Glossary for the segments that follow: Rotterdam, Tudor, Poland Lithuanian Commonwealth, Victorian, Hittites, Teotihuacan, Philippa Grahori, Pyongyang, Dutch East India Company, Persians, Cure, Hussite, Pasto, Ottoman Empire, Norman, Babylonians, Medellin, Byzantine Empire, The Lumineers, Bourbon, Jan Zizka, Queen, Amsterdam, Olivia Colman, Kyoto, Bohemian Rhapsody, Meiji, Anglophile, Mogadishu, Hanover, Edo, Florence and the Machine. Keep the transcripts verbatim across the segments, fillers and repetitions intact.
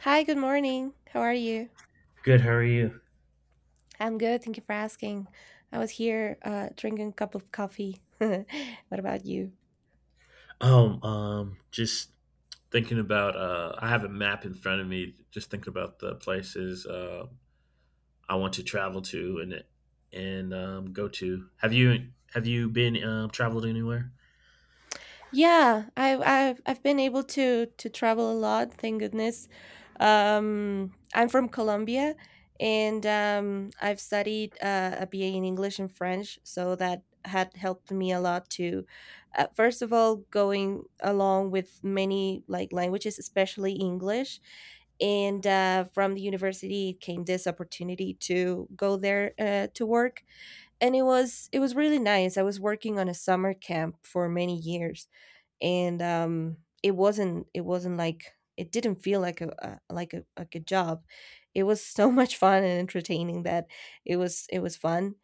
Hi, good morning. How are you? Good. How are you? I'm good. Thank you for asking. I was here uh, drinking a cup of coffee. What about you? Um, um, just thinking about. Uh, I have a map in front of me. Just thinking about the places uh, I want to travel to and and um, go to. Have you have you been um, traveled anywhere? Yeah, I've I've I've been able to to travel a lot, thank goodness. Um, I'm from Colombia, and um, I've studied uh, a B A in English and French, so that had helped me a lot to, uh, first of all, going along with many like languages, especially English, and uh, from the university came this opportunity to go there uh, to work, and it was it was really nice. I was working on a summer camp for many years, and um, it wasn't it wasn't like it didn't feel like a, a like a like a job. It was so much fun and entertaining that it was it was fun,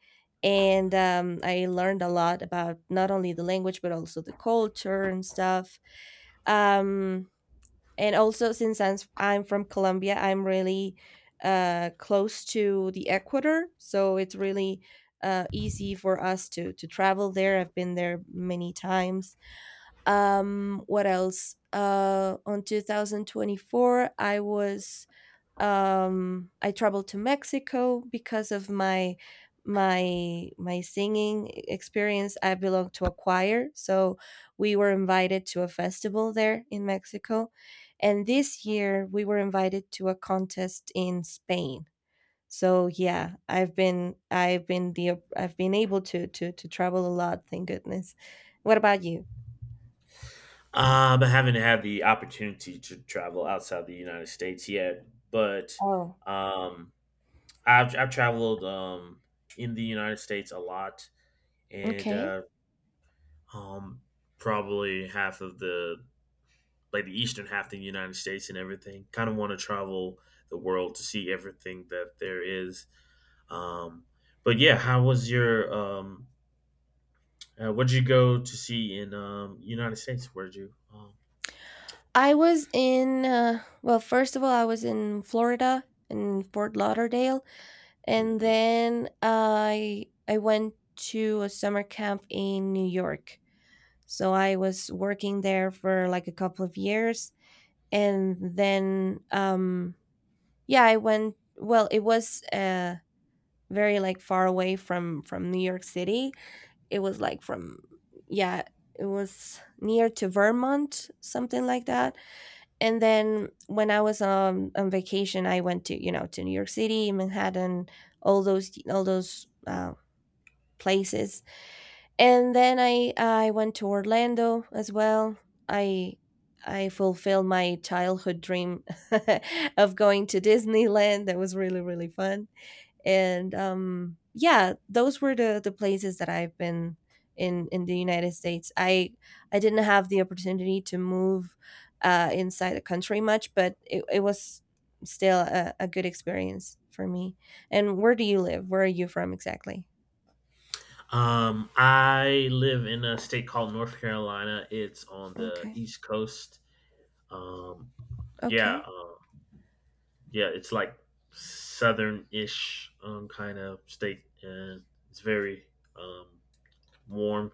and um, I learned a lot about not only the language but also the culture and stuff. Um, and also since I'm s- I'm from Colombia, I'm really uh close to the equator, so it's really uh easy for us to to travel there. I've been there many times. Um, what else? Uh, on twenty twenty-four, I was um, I traveled to Mexico because of my my my singing e-, experience. I belong to a choir, so we were invited to a festival there in Mexico, and this year we were invited to a contest in Spain. So yeah, I've been I've been the I've been able to to to travel a lot. Thank goodness. What about you? Um, I haven't had the opportunity to travel outside the United States yet, but Oh, um, I've I've traveled um in the United States a lot, and okay. uh, um, probably half of the like the eastern half of the United States and everything. Kind of want to travel the world to see everything that there is. Um, but yeah, how was your um, uh, what did you go to see in um, United States? Where did you? Um, I was in, uh, well, first of all, I was in Florida in Fort Lauderdale, and Mhm. then I I went to a summer camp in New York. So I was working there for like a couple of years, and then um, yeah, I went. Well, it was uh, very like far away from from New York City. It was like from yeah, it was near to Vermont, something like that. And then when I was um, on vacation, I went to you know to New York City, Manhattan, all those all those uh, places, and then I I went to Orlando as well. I I fulfilled my childhood dream of going to Disneyland. That was really really fun. And um yeah, those were the the places that I've been in in the United States. i i didn't have the opportunity to move uh inside the country much, but it, it was still a, a good experience for me. And where do you live? Where are you from exactly? um, I live in a state called North Carolina. It's on the Okay. East Coast. Um, yeah, Okay. uh, yeah, it's like southern-ish um, kind of state, and it's very um, warm.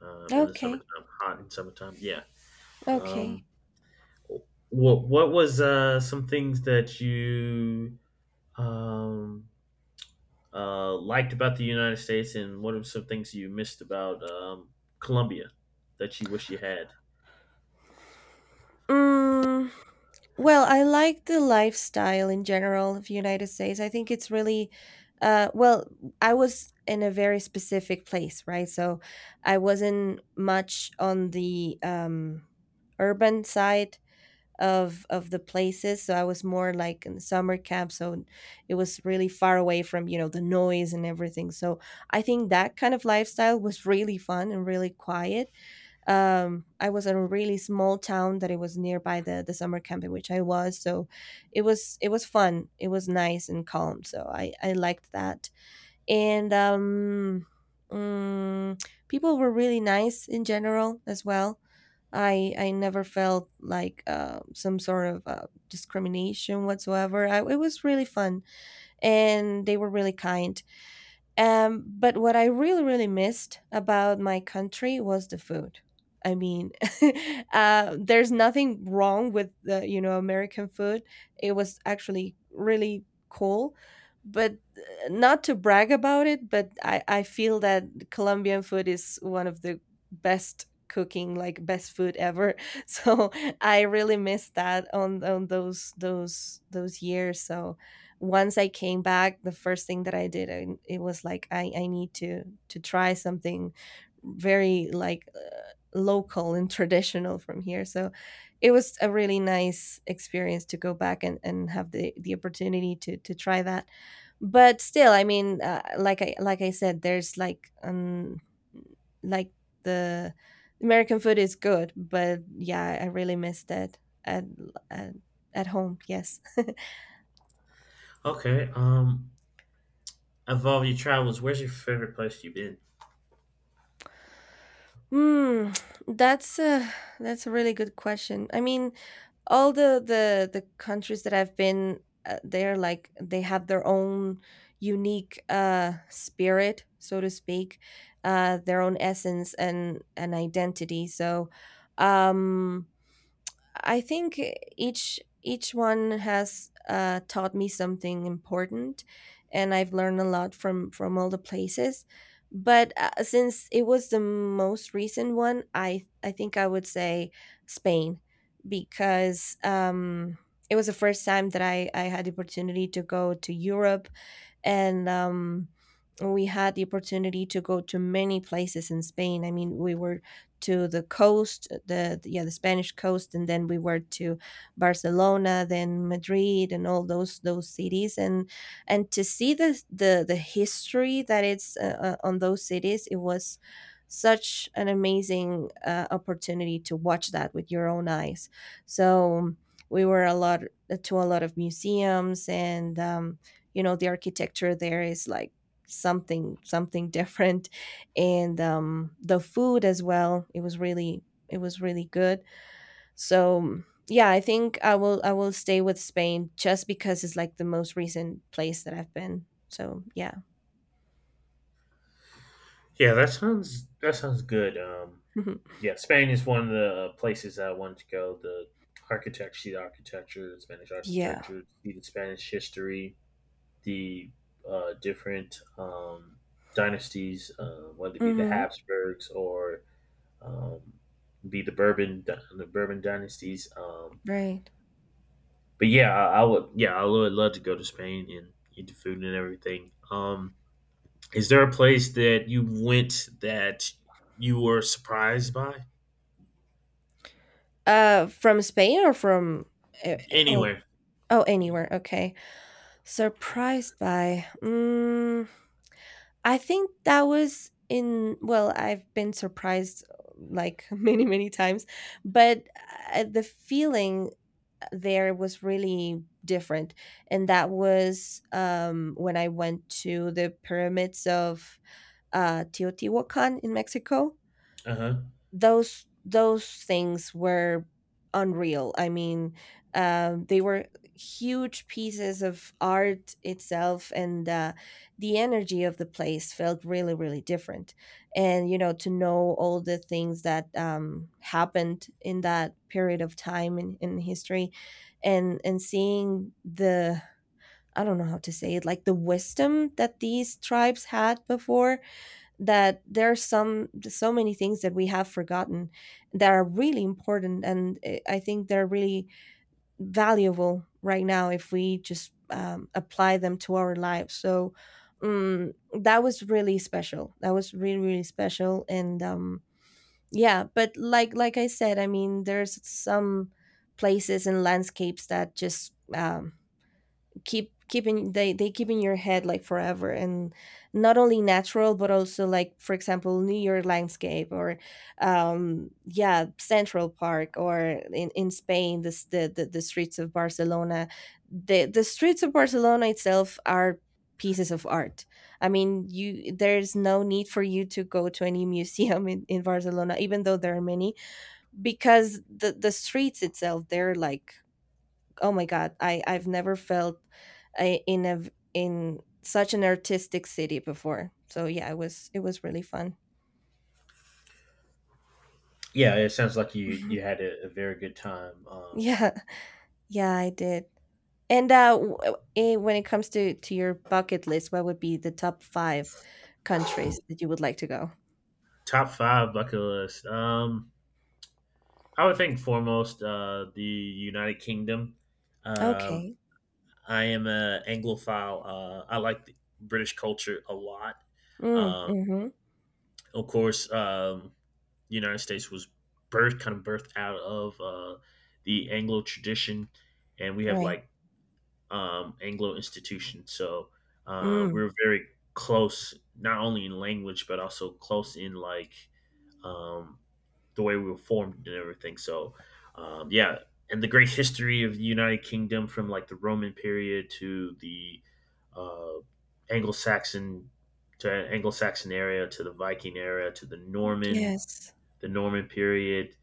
um, In the Okay. summertime, hot in summertime. Yeah. Okay. Um, what what was uh, some things that you um, uh, liked about the United States, and what are some things you missed about um, Colombia that you wish you had? mm, well, I like the lifestyle in general of United States. I think it's really uh well, I was in a very specific place, right? So I wasn't much on the um urban side of of the places. So I was more like in the summer camp, so it was really far away from, you know, the noise and everything. So I think that kind of lifestyle was really fun and really quiet. um I was in a really small town that it was nearby the the summer camp in which I was, so it was it was fun. It was nice and calm, so i i liked that. And um mm, people were really nice in general as well. I i never felt like uh, some sort of uh, discrimination whatsoever. I, it was really fun, and they were really kind. um, but what I really, really missed about my country was the food. I mean, uh, there's nothing wrong with the, you know, American food. It was actually really cool. But uh, not to brag about it, but I, I feel that Colombian food is one of the best cooking, like best food ever. So I really missed that on on those those those years. So once I came back, the first thing that I did, I, it was like I, I need to to try something very like uh, local and traditional from here. So it was a really nice experience to go back and, and have the, the opportunity to to try that. But still, I mean, uh, like I like I said, there's like um like the American food is good, but yeah, I really missed it at at, at home. Yes. Okay. Um, of all your travels, where's your favorite place you've been? Hmm, that's a that's a really good question. I mean, all the the the countries that I've been, uh, they're like they have their own unique uh spirit, so to speak, uh their own essence and an identity. So, um I think each each one has uh, taught me something important, and I've learned a lot from from all the places. But uh, since it was the most recent one, I I think I would say Spain because um, it was the first time that I I had the opportunity to go to Europe, and um, we had the opportunity to go to many places in Spain. I mean, we were to the coast, the the- yeah, the Spanish coast, and then we were to Barcelona, then Madrid, and all those those cities, and and to see the the the history that it's uh, uh, on those cities. It was such an amazing uh, opportunity to watch that with your own eyes. So we were a lot to a lot of museums and. Um, you know, the architecture there is like something something different, and um the food as well, it was really, it was really good. So um, yeah, I think i will I will stay with Spain just because it's like the most recent place that I've been. So yeah. Yeah, that sounds that sounds good. Um, yeah, Spain is one of the places that I wanted to go. The architecture, see the architecture, the Spanish Yeah, architecture, see the Spanish history, the uh, different um, dynasties, uh, whether it be the mm-hmm. Habsburgs or um, be the Bourbon the Bourbon dynasties. Um, right. But yeah, I, I would yeah I would love to go to Spain and eat the food and everything. Um, is there a place that you went that you were surprised by? uh from Spain or from uh, uh, oh, Anyway, oh, anywhere, okay. Surprised by mm, I think that was in well, I've been surprised like many, many times, but uh, the feeling there was really different. And that was um, when I went to the pyramids of uh, Teotihuacan in Mexico. uh huh. those those things were unreal. I mean, um, they were huge pieces of art itself, and uh, the energy of the place felt really, really different. And you know, to know all the things that um, happened in that period of time in, in history, and and seeing the I don't know how to say it, like the wisdom that these tribes had before, that there are some so many things that we have forgotten that are really important. And eh, I think they're really valuable right now if we just um, apply them to our lives. So um, that was really special. That was really really special. And um, yeah, but like like I said, I mean, there's some places and landscapes that just um, keep keeping they they keep in your head like forever. And not only natural but also like for example New York landscape, or um yeah, Central Park, or in in Spain, this the the, the streets of Barcelona. The the streets of Barcelona itself are pieces of art. I mean, you, there's no need for you to go to any museum in, in Barcelona even though there are many, because the the streets itself, they're like, oh my God, I I've never felt uh, in a in such an artistic city before. So yeah, it was it was really fun. Yeah, it sounds like you you had a, a very good time. Um, yeah, yeah, I did. And uh, w- eh, when it comes to to your bucket list, what would be the top five countries that you would like to go? Top five bucket list. Um, I would think foremost uh, the United Kingdom. Um, Okay. I am an Anglophile. Uh, I like the British culture a lot. Mm, Um, mm-hmm. of course, um, the United States was birthed, kind of birthed out of uh, the Anglo tradition, and we have Right. like um, Anglo institutions. So uh, Mm, we're very close, not only in language but also close in like um, the way we were formed and everything. So, um, yeah, and the great history of the United Kingdom from like the Roman period to the uh, Anglo-Saxon to Anglo-Saxon era to the Viking era to the Norman yes. the Norman period,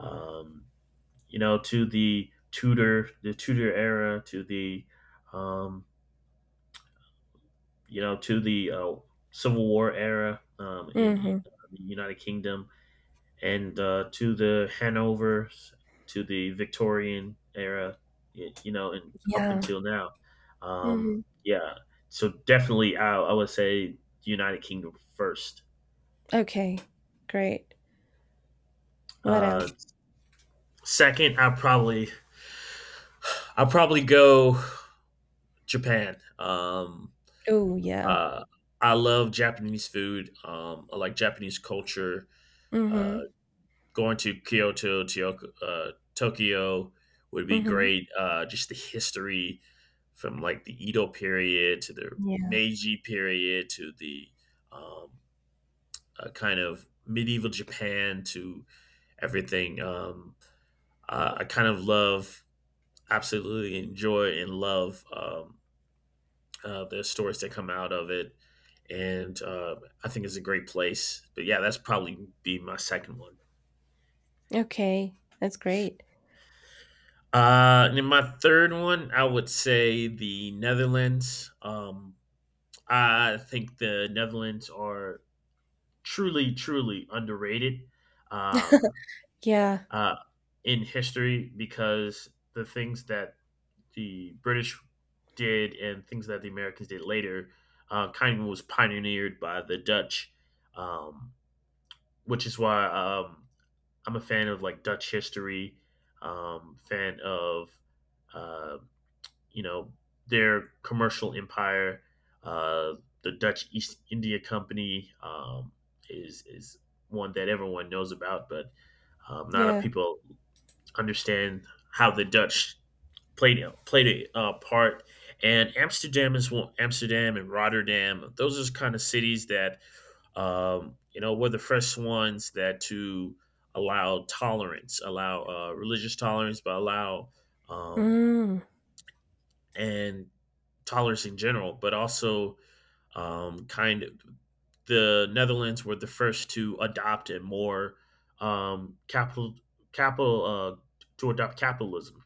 um, you know, to the Tudor the Tudor era to the um, you know to the uh, Civil War era um, in, in Mm-hmm. the United Kingdom. And uh, to the Hanover, to the Victorian era, y- you know, and up Yeah. until now. Mm-hmm. Um, yeah, so definitely, I, I would say United Kingdom first. Okay. Great. What Uh, else? Second, I probably i probably go Japan. Um, Oh, yeah. uh, I love Japanese food. Um, I like Japanese culture. Mm-hmm. Uh, Going to Kyoto, Tioco- uh, Tokyo would be Mm-hmm. great. Uh, just the history from like the Edo period to the Meiji period to the um, uh, kind of medieval Japan to everything. Um, uh, I kind of love, absolutely enjoy and love um, uh, the stories that come out of it. And uh, I think it's a great place. But yeah, that's probably be my second one. Okay, that's great. Uh, and then my third one, I would say the Netherlands. Um, I think the Netherlands are truly, truly underrated um, Yeah, uh, in history because the things that the British did and things that the Americans did later uh, kind of was pioneered by the Dutch, um, which is why um, I'm a fan of like Dutch history, um, fan of. Uh, you know their commercial empire. Uh, the Dutch East India Company um, is is one that everyone knows about, but um, not a lot of yeah. people understand how the Dutch played played a uh, part. And Amsterdam is one. Amsterdam and Rotterdam; those are kind of cities that um, you know were the first ones that to allow tolerance, allow uh, religious tolerance, but allow um, Mm, and tolerance in general, but also um, kind of the Netherlands were the first to adopt a more um, capital capital uh, to adopt capitalism,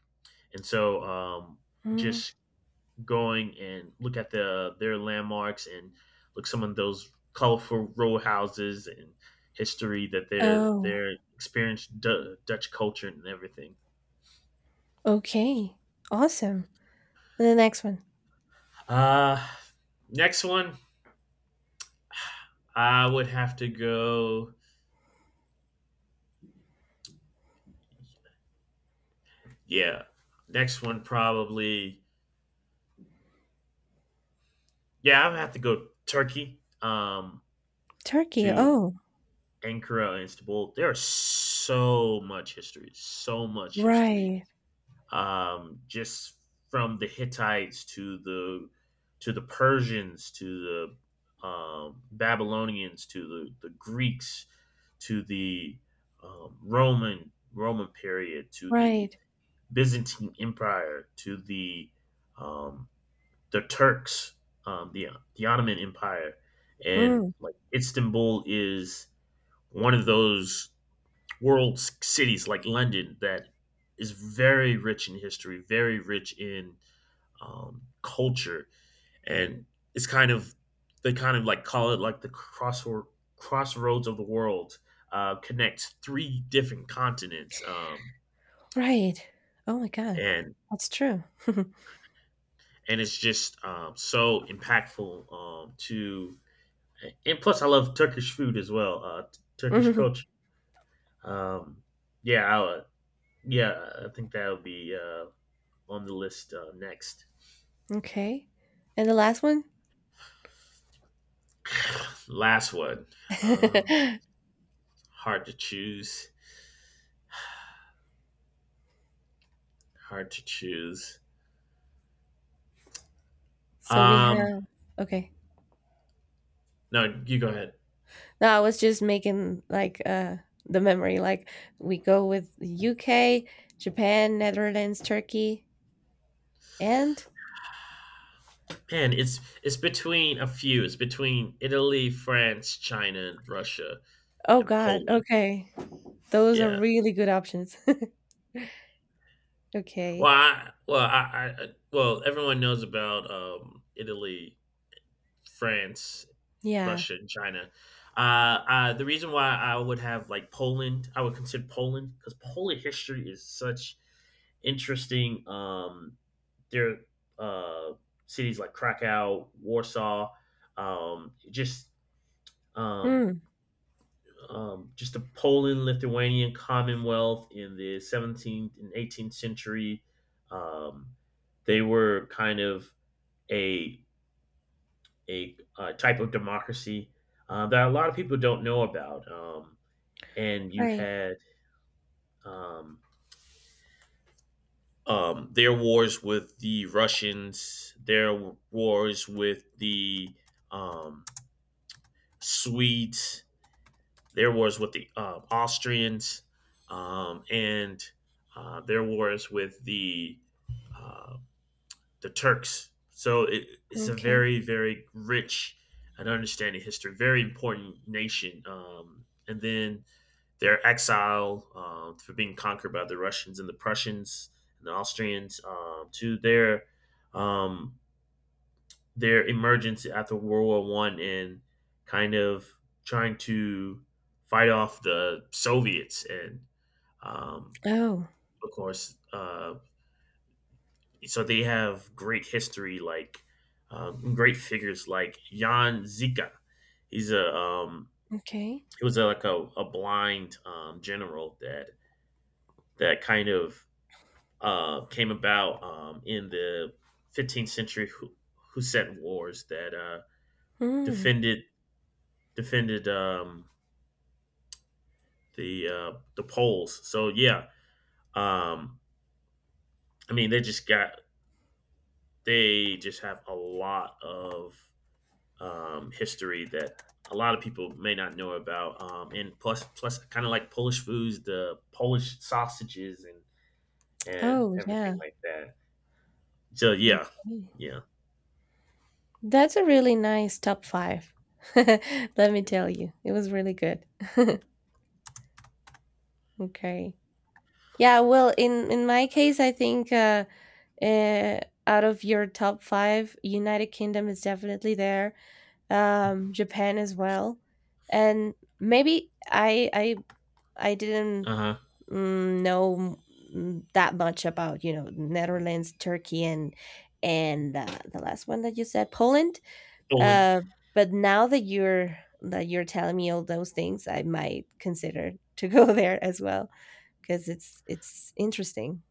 and so um, mm. just going and look at the their landmarks and look some of those colorful row houses and history that they're Oh, they're experienced D- Dutch culture and everything. okay. Awesome. The next one, Uh, Next one, I would have to go. Yeah. Next one probably yeah, I'm gonna have to go Turkey. Um Turkey. To Oh, Ankara and Istanbul. There's so much history, so much history. right, Um just from the Hittites to the to the Persians to the um, Babylonians to the, the Greeks to the um, Roman Roman period to the right. Byzantine Empire to the um, the Turks, um, the the Ottoman Empire, and Mm, like Istanbul is one of those world c- cities like London that is very rich in history, very rich in um, culture, and it's kind of they kind of like call it like the crossroad crossroads of the world uh, connects three different continents, um, right. Oh my God, and that's true. and it's just um, so impactful um, to and plus I love Turkish food as well. Uh, t- Turkish Mhm. culture. Um, yeah, I, would- yeah, I think that would be uh, on the list uh, next. Okay. And the last one? Last one. Um, Hard to choose. Hard to choose. So we Um, have, okay. no, you go ahead. No, I was just making like uh the memory like we go with the U K, Japan, Netherlands, Turkey, and Man, it's it's between a few. It's between Italy, France, China, Russia, oh and God, Poland. okay. Those are Yeah. really good options. Well, Okay. I, well, I, I, I- well, everyone knows about um, Italy France, Yeah. Russia, and China. Uh, uh, the reason why I would have like Poland, I would consider Poland because Polish history is such interesting. Um, their uh, cities like Krakow, Warsaw, um, just um, Hmm. um, just the Poland Lithuanian Commonwealth in the seventeenth and eighteenth century. Um, they were kind of a a, uh type of democracy uh, that a lot of people don't know about. Um, and you Right. had um, um, their wars with the Russians, their wars with the um, Swedes, their wars with the um Austrians, um, and uh, their wars with the uh, the Turks. So it, it's a Okay. very, very rich and understanding history, very important nation. Um, and then their exile um, for being conquered by the Russians and the Prussians and the Austrians um, to their um, their emergence after World War One and kind of trying to fight off the Soviets and um, Oh, of course uh, so they have great history, like um, great figures like Jan Zizka. He's a um, okay. he was a, like a, a blind um, general that that kind of uh, came about um, in the fifteenth century Hu- Hussite wars that uh, Hmm. defended defended um, the uh, the Poles. So yeah, um, I mean they just got they just have a lot of um, history that a lot of people may not know about. Um, and plus, plus, kind of like Polish foods, the Polish sausages and and Oh, everything yeah. like that. So yeah, Okay. yeah, That's a really nice top five. Let me tell you, it was really good. Okay. Yeah, well, in in my case, I think uh, uh, out of your top five, United Kingdom is definitely there. Um, Japan as well, and maybe I I I didn't uh huh. mm, know mm, that much about you know Netherlands, Turkey, and and uh, the last one that you said, Poland. Poland, Uh, but now that you're that you're telling me all those things, I might consider to go there as well because it's it's interesting.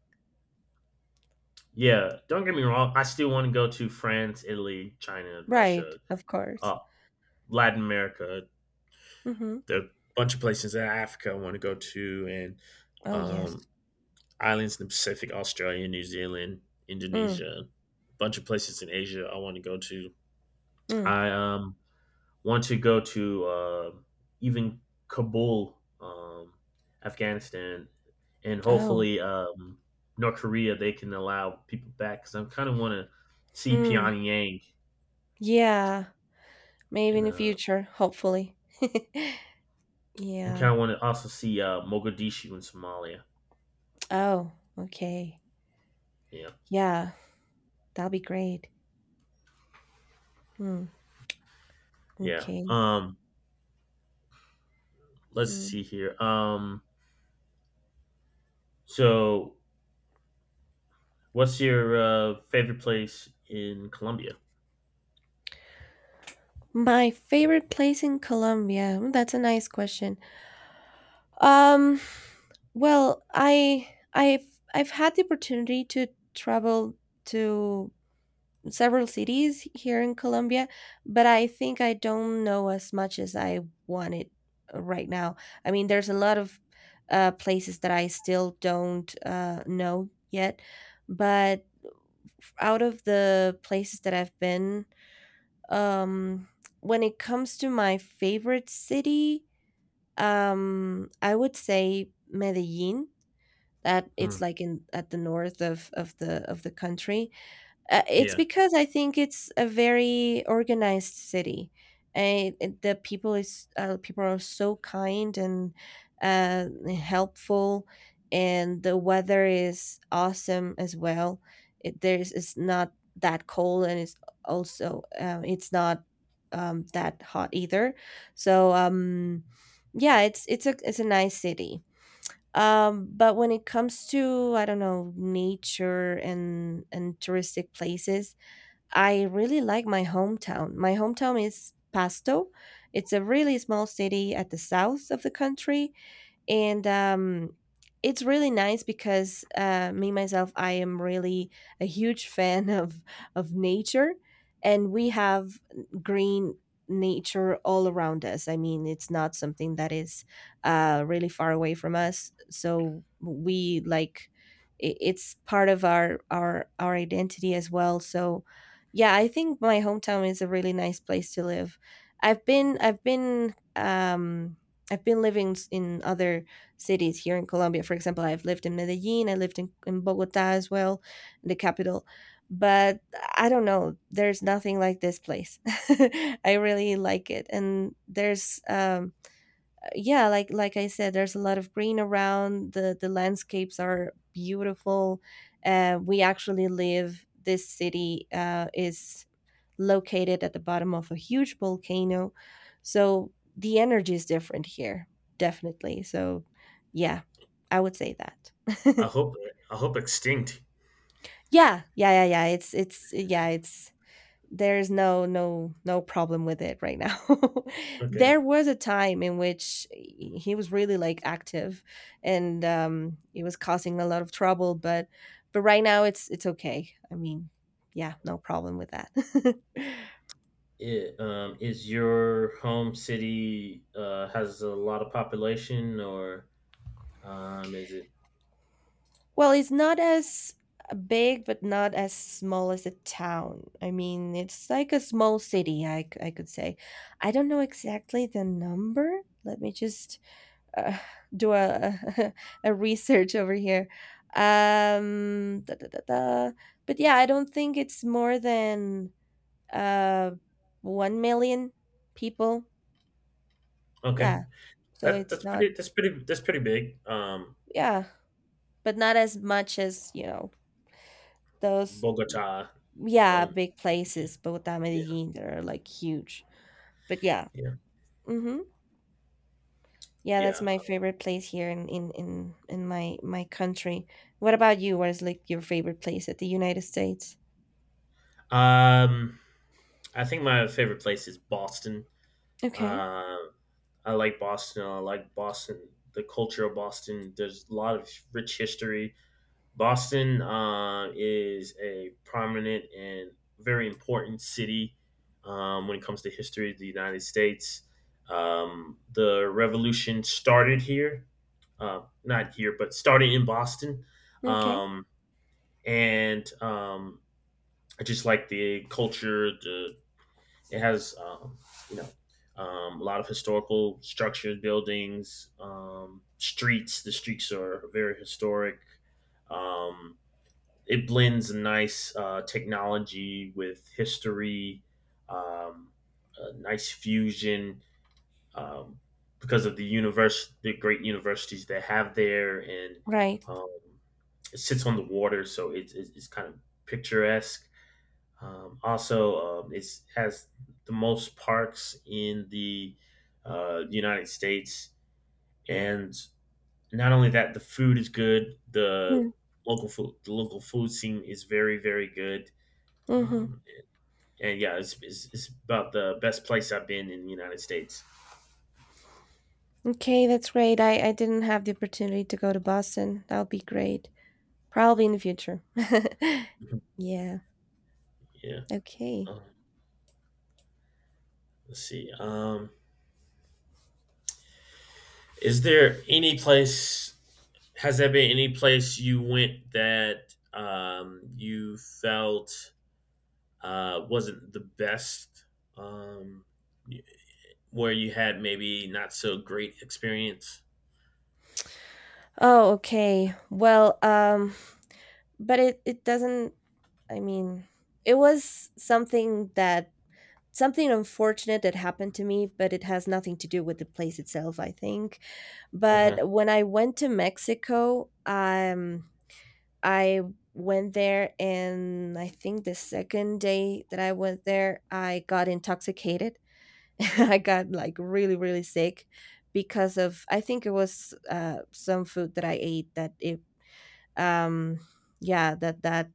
yeah. Don't get me wrong. I still want to go to France, Italy, China, Right, Russia, of course. uh, Latin America. Mm-hmm. There are a bunch of places in Africa I want to go to, and Oh yes. um, islands in the Pacific, Australia, New Zealand, Mm, Indonesia, a bunch of places in Asia I want to go to. mm. I um, want to go to uh, even Kabul, um, Afghanistan, and Oh. hopefully um, North Korea. They can allow people back because I kind of want to see Hmm. Pyongyang Yeah. Maybe and in the uh, future, hopefully. and kind Yeah. of want to also see uh, Mogadishu in Somalia. Oh. Okay. Yeah, Yeah. That'll be great. Mm, yeah. okay. Um, let's Mm. see here. Um, so what's your uh, favorite place in Colombia? My favorite place in Colombia. Mm, that's a nice question. Um, well, I I've I've had the opportunity to travel to several cities here in Colombia, but I think I don't know as much as I wanted right now. I mean, there's a lot of uh, places that I still don't uh, know yet, but out of the places that I've been. Um, when it comes to my favorite city, um, I would say Medellin. That it's Hmm. like in at the north of of the of the country. Uh, it's Yeah, because I think it's a very organized city, and it- the people is uh, people are so kind and uh, helpful, and the weather is awesome as well. It, there's it's not that cold, and it's also uh, it's not um, that hot either. So um, yeah, it's it's a it's a nice city. Um, but when it comes to, I don't know, nature and and touristic places, I really like my hometown. My hometown is Pasto. It's a really small city at the south of the country, and um, it's really nice because uh, me myself I am really a huge fan of of nature, and we have green nature all around us. I mean, it's not something that is uh, really far away from us, so we like i- it's part of our our our identity as well. So yeah, I think my hometown is a really nice place to live. I've been i've been um I've been living in other cities here in Colombia. For example, I've lived in Medellin, I lived in, in Bogota as well, the capital. But I don't know, there's nothing like this place. I really like it. And there's um yeah, like like I said, there's a lot of green around. The the landscapes are beautiful. Uh, we actually live this city uh, is located at the bottom of a huge volcano. So the energy is different here, definitely. So yeah, I would say that. I hope I hope extinct. Yeah, yeah, yeah, yeah. It's it's yeah, it's there's no no no problem with it right now. There Okay. was a time in which he was really like active, and um it was causing a lot of trouble, but but right now it's it's okay. I mean, yeah, no problem with that. It, um, is your home city uh, has a lot of population, or um, is it Well, it's not as uh, big, but not as small as a town. I mean, it's like a small city, I, c- I could say. I don't know exactly the number. Let me just uh, do a, a research over here. Um, da, da, da, da. But yeah, I don't think it's more than uh, 1 million people. okay? Yeah, so That it's that's not, pretty that's pretty that's pretty big. Um, yeah, but not as much as, you know, those. Bogota, Yeah, or big yeah, places, Bogota, yeah, Medellin, they're like huge. But yeah, yeah, hmm yeah, that's yeah. my favorite place here in in in in my my country. What about you? What is like your favorite place at the United States? Um, I think my favorite place is Boston. Okay, Uh, I like Boston. I like Boston. The culture of Boston. There's a lot of rich history. Boston uh, is a prominent and very important city um, when it comes to history of the United States. Um, the revolution started here, uh, not here, but started in Boston, okay, um, and um, I just like the culture. The It has um, you know um, a lot of historical structures, buildings, um, streets. The streets are very historic. Um, it blends a nice uh, technology with history, um, a nice fusion um, because of the universe, the great universities that have there, and right. um, it sits on the water, so it's it's, it's kind of picturesque. Um, also, um, it has the most parks in the uh, United States, and not only that, the food is good. The local food, the local food scene is very, very good. Mm-hmm. Um, and yeah, it's, it's, it's about the best place I've been in the United States. Okay, that's great. I I didn't have the opportunity to go to Boston. That'll be great. Probably in the future. Yeah. Yeah. Okay. Um, let's see. Um, is there any place? Has there been any place you went that um, you felt uh, wasn't the best? Um, y- where you had maybe not so great experience? Oh, okay. Well, um, but it it doesn't. I mean, it was something that something unfortunate that happened to me, but it has nothing to do with the place itself, I think. Uh-huh. But when I went to Mexico, um, I went there, and I think the second day that I went there, I got intoxicated. I got like really, really sick because of I think it was uh, some food that I ate that it um yeah that that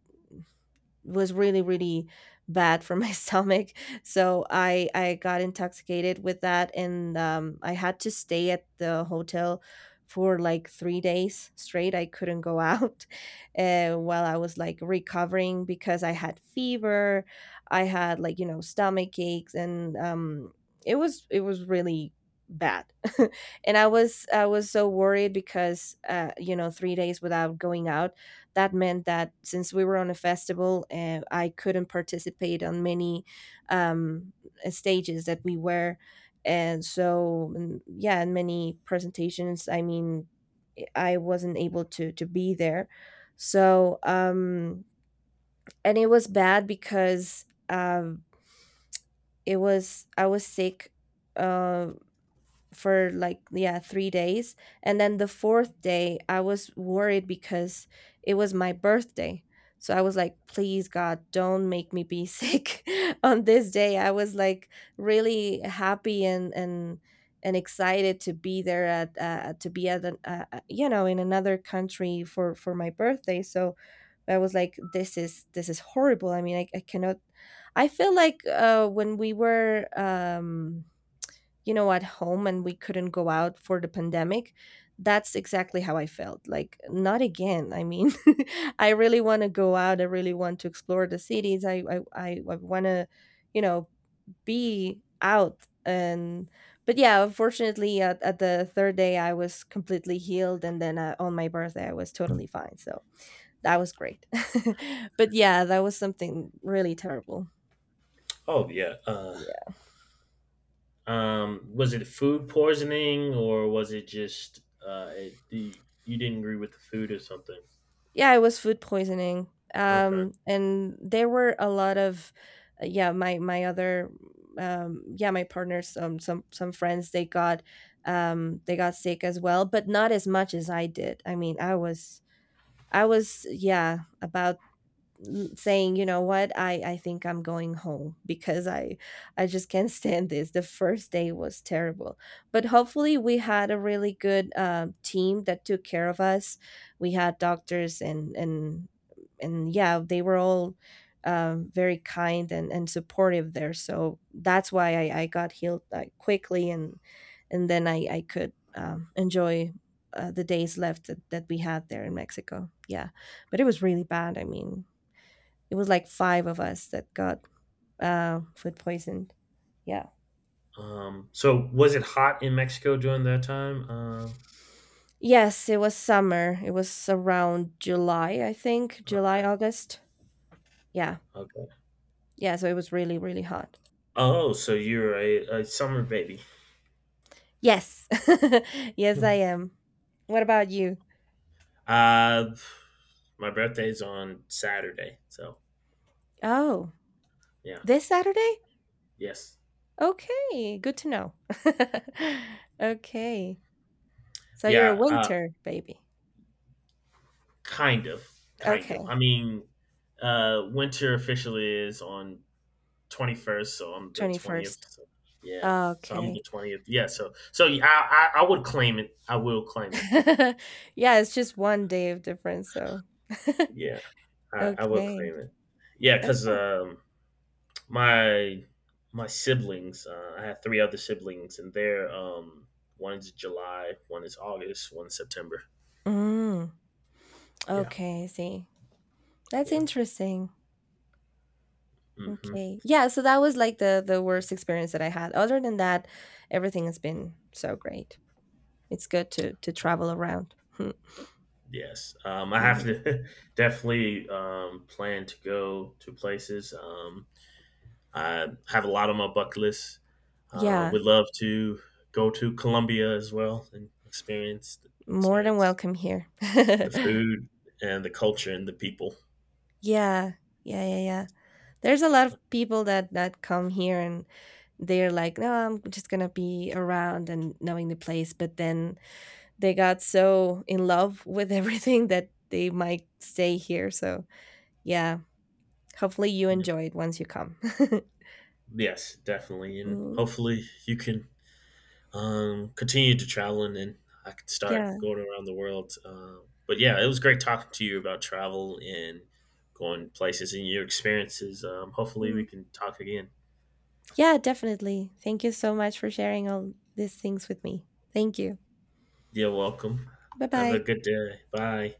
was really, really bad for my stomach. So i i got intoxicated with that, and um I had to stay at the hotel for like three days straight. I couldn't go out. Uh, while I was like recovering because I had fever, I had like, you know stomach aches, and um it was it was really bad. And i was i was so worried because uh you know three days without going out, that meant that since we were on a festival, uh, I couldn't participate on many um, uh, stages that we were, and so and yeah, and many presentations. I mean, eh, I wasn't able to to be there, so um, and it was bad because um, it was I was sick uh, for like yeah three days, and then the fourth day I was worried because it was my birthday. So I was like, please God, don't make me be sick on this day. I was like really happy and and and excited to be there at uh, to be at an, uh, uh, you know in another country for for my birthday. So I was like, this is this is horrible. I mean, I, I cannot. I feel like uh when we were um you know at home and we couldn't go out for the pandemic, that's exactly how I felt. Like, not again. I mean, I really want to go out. I really want to explore the cities. I i, I, I want to you know be out. And but yeah, unfortunately, at, at the third day I was completely healed, and then uh, on my birthday I was totally fine. So that was great. But yeah, that was something really terrible. Oh yeah. Uh, Um, was it food poisoning or was it just uh, it, you, you didn't agree with the food or something? Yeah, it was food poisoning. Okay. Um, and there were a lot of, uh, yeah, my my other, um, yeah, my partners, um, some some friends, they got, um, they got sick as well, but not as much as I did. I mean, I was I was yeah about l- saying, you know what, I, I think I'm going home because I I just can't stand this. The first day was terrible, but hopefully we had a really good um, team that took care of us. We had doctors and and and yeah, they were all um, very kind and, and supportive there. So that's why I, I got healed like quickly, and and then I I could um, enjoy. Uh, the days left that, that we had there in Mexico. Yeah. But it was really bad. I mean, it was like five of us that got uh, food poisoned. Yeah. Um, so was it hot in Mexico during that time? Um, Yes, it was summer. It was around July, I think. July, Okay. August. Yeah. Okay. Yeah. So it was really, really hot. Oh, so you're a, a summer baby. Yes. Yes, Hmm. I am. What about you? Uh, my birthday's on Saturday, so Oh, yeah. this Saturday? Yes. Okay. Good to know. Okay. So you're a Yeah. Uh, winter baby. Kind of. Kind of. I Okay. mean, uh, winter officially is on twenty-first, so I'm the twentieth. twenty-first. So yeah, so I'm Okay. the twentieth. Yeah, so so yeah, I, I I would claim it. I will claim it. Yeah, it's just one day of difference. So. Yeah, I, I will Okay. claim it. Yeah, Uh, because um, my my siblings, uh, I have three other siblings, and they're um, one is July, one is August, one is September. Mm. Yeah, Okay, I see. That's yeah, interesting. hmm Okay. Yeah, so that was like the the worst experience that I had. Other than that, everything has been so great. It's good to to travel around. Hmm. yes. Um, I have Mhm. to definitely um, plan to go to places. Um, I have a lot on my bucket list. Um, Yeah, Would love to go to Colombia as well and experience more than experience welcome here. the food and the culture and the people. Yeah, yeah, yeah, yeah. There's a lot of people that that come here, and they're like, "No, I'm just gonna be around and knowing the place," but then they got so in love with everything that they might stay here. So, yeah, hopefully you Yeah. enjoy it once you come. Yes, definitely, and Mm, hopefully you can um, continue to travel and then I could start yeah. going around the world. Uh, but yeah, it was great talking to you about travel and going places and your experiences. Um, hopefully we Mm. can talk again. Yeah, definitely. Thank you so much for sharing all these things with me. Thank you. You're welcome. Bye Have a bye. good day. Bye.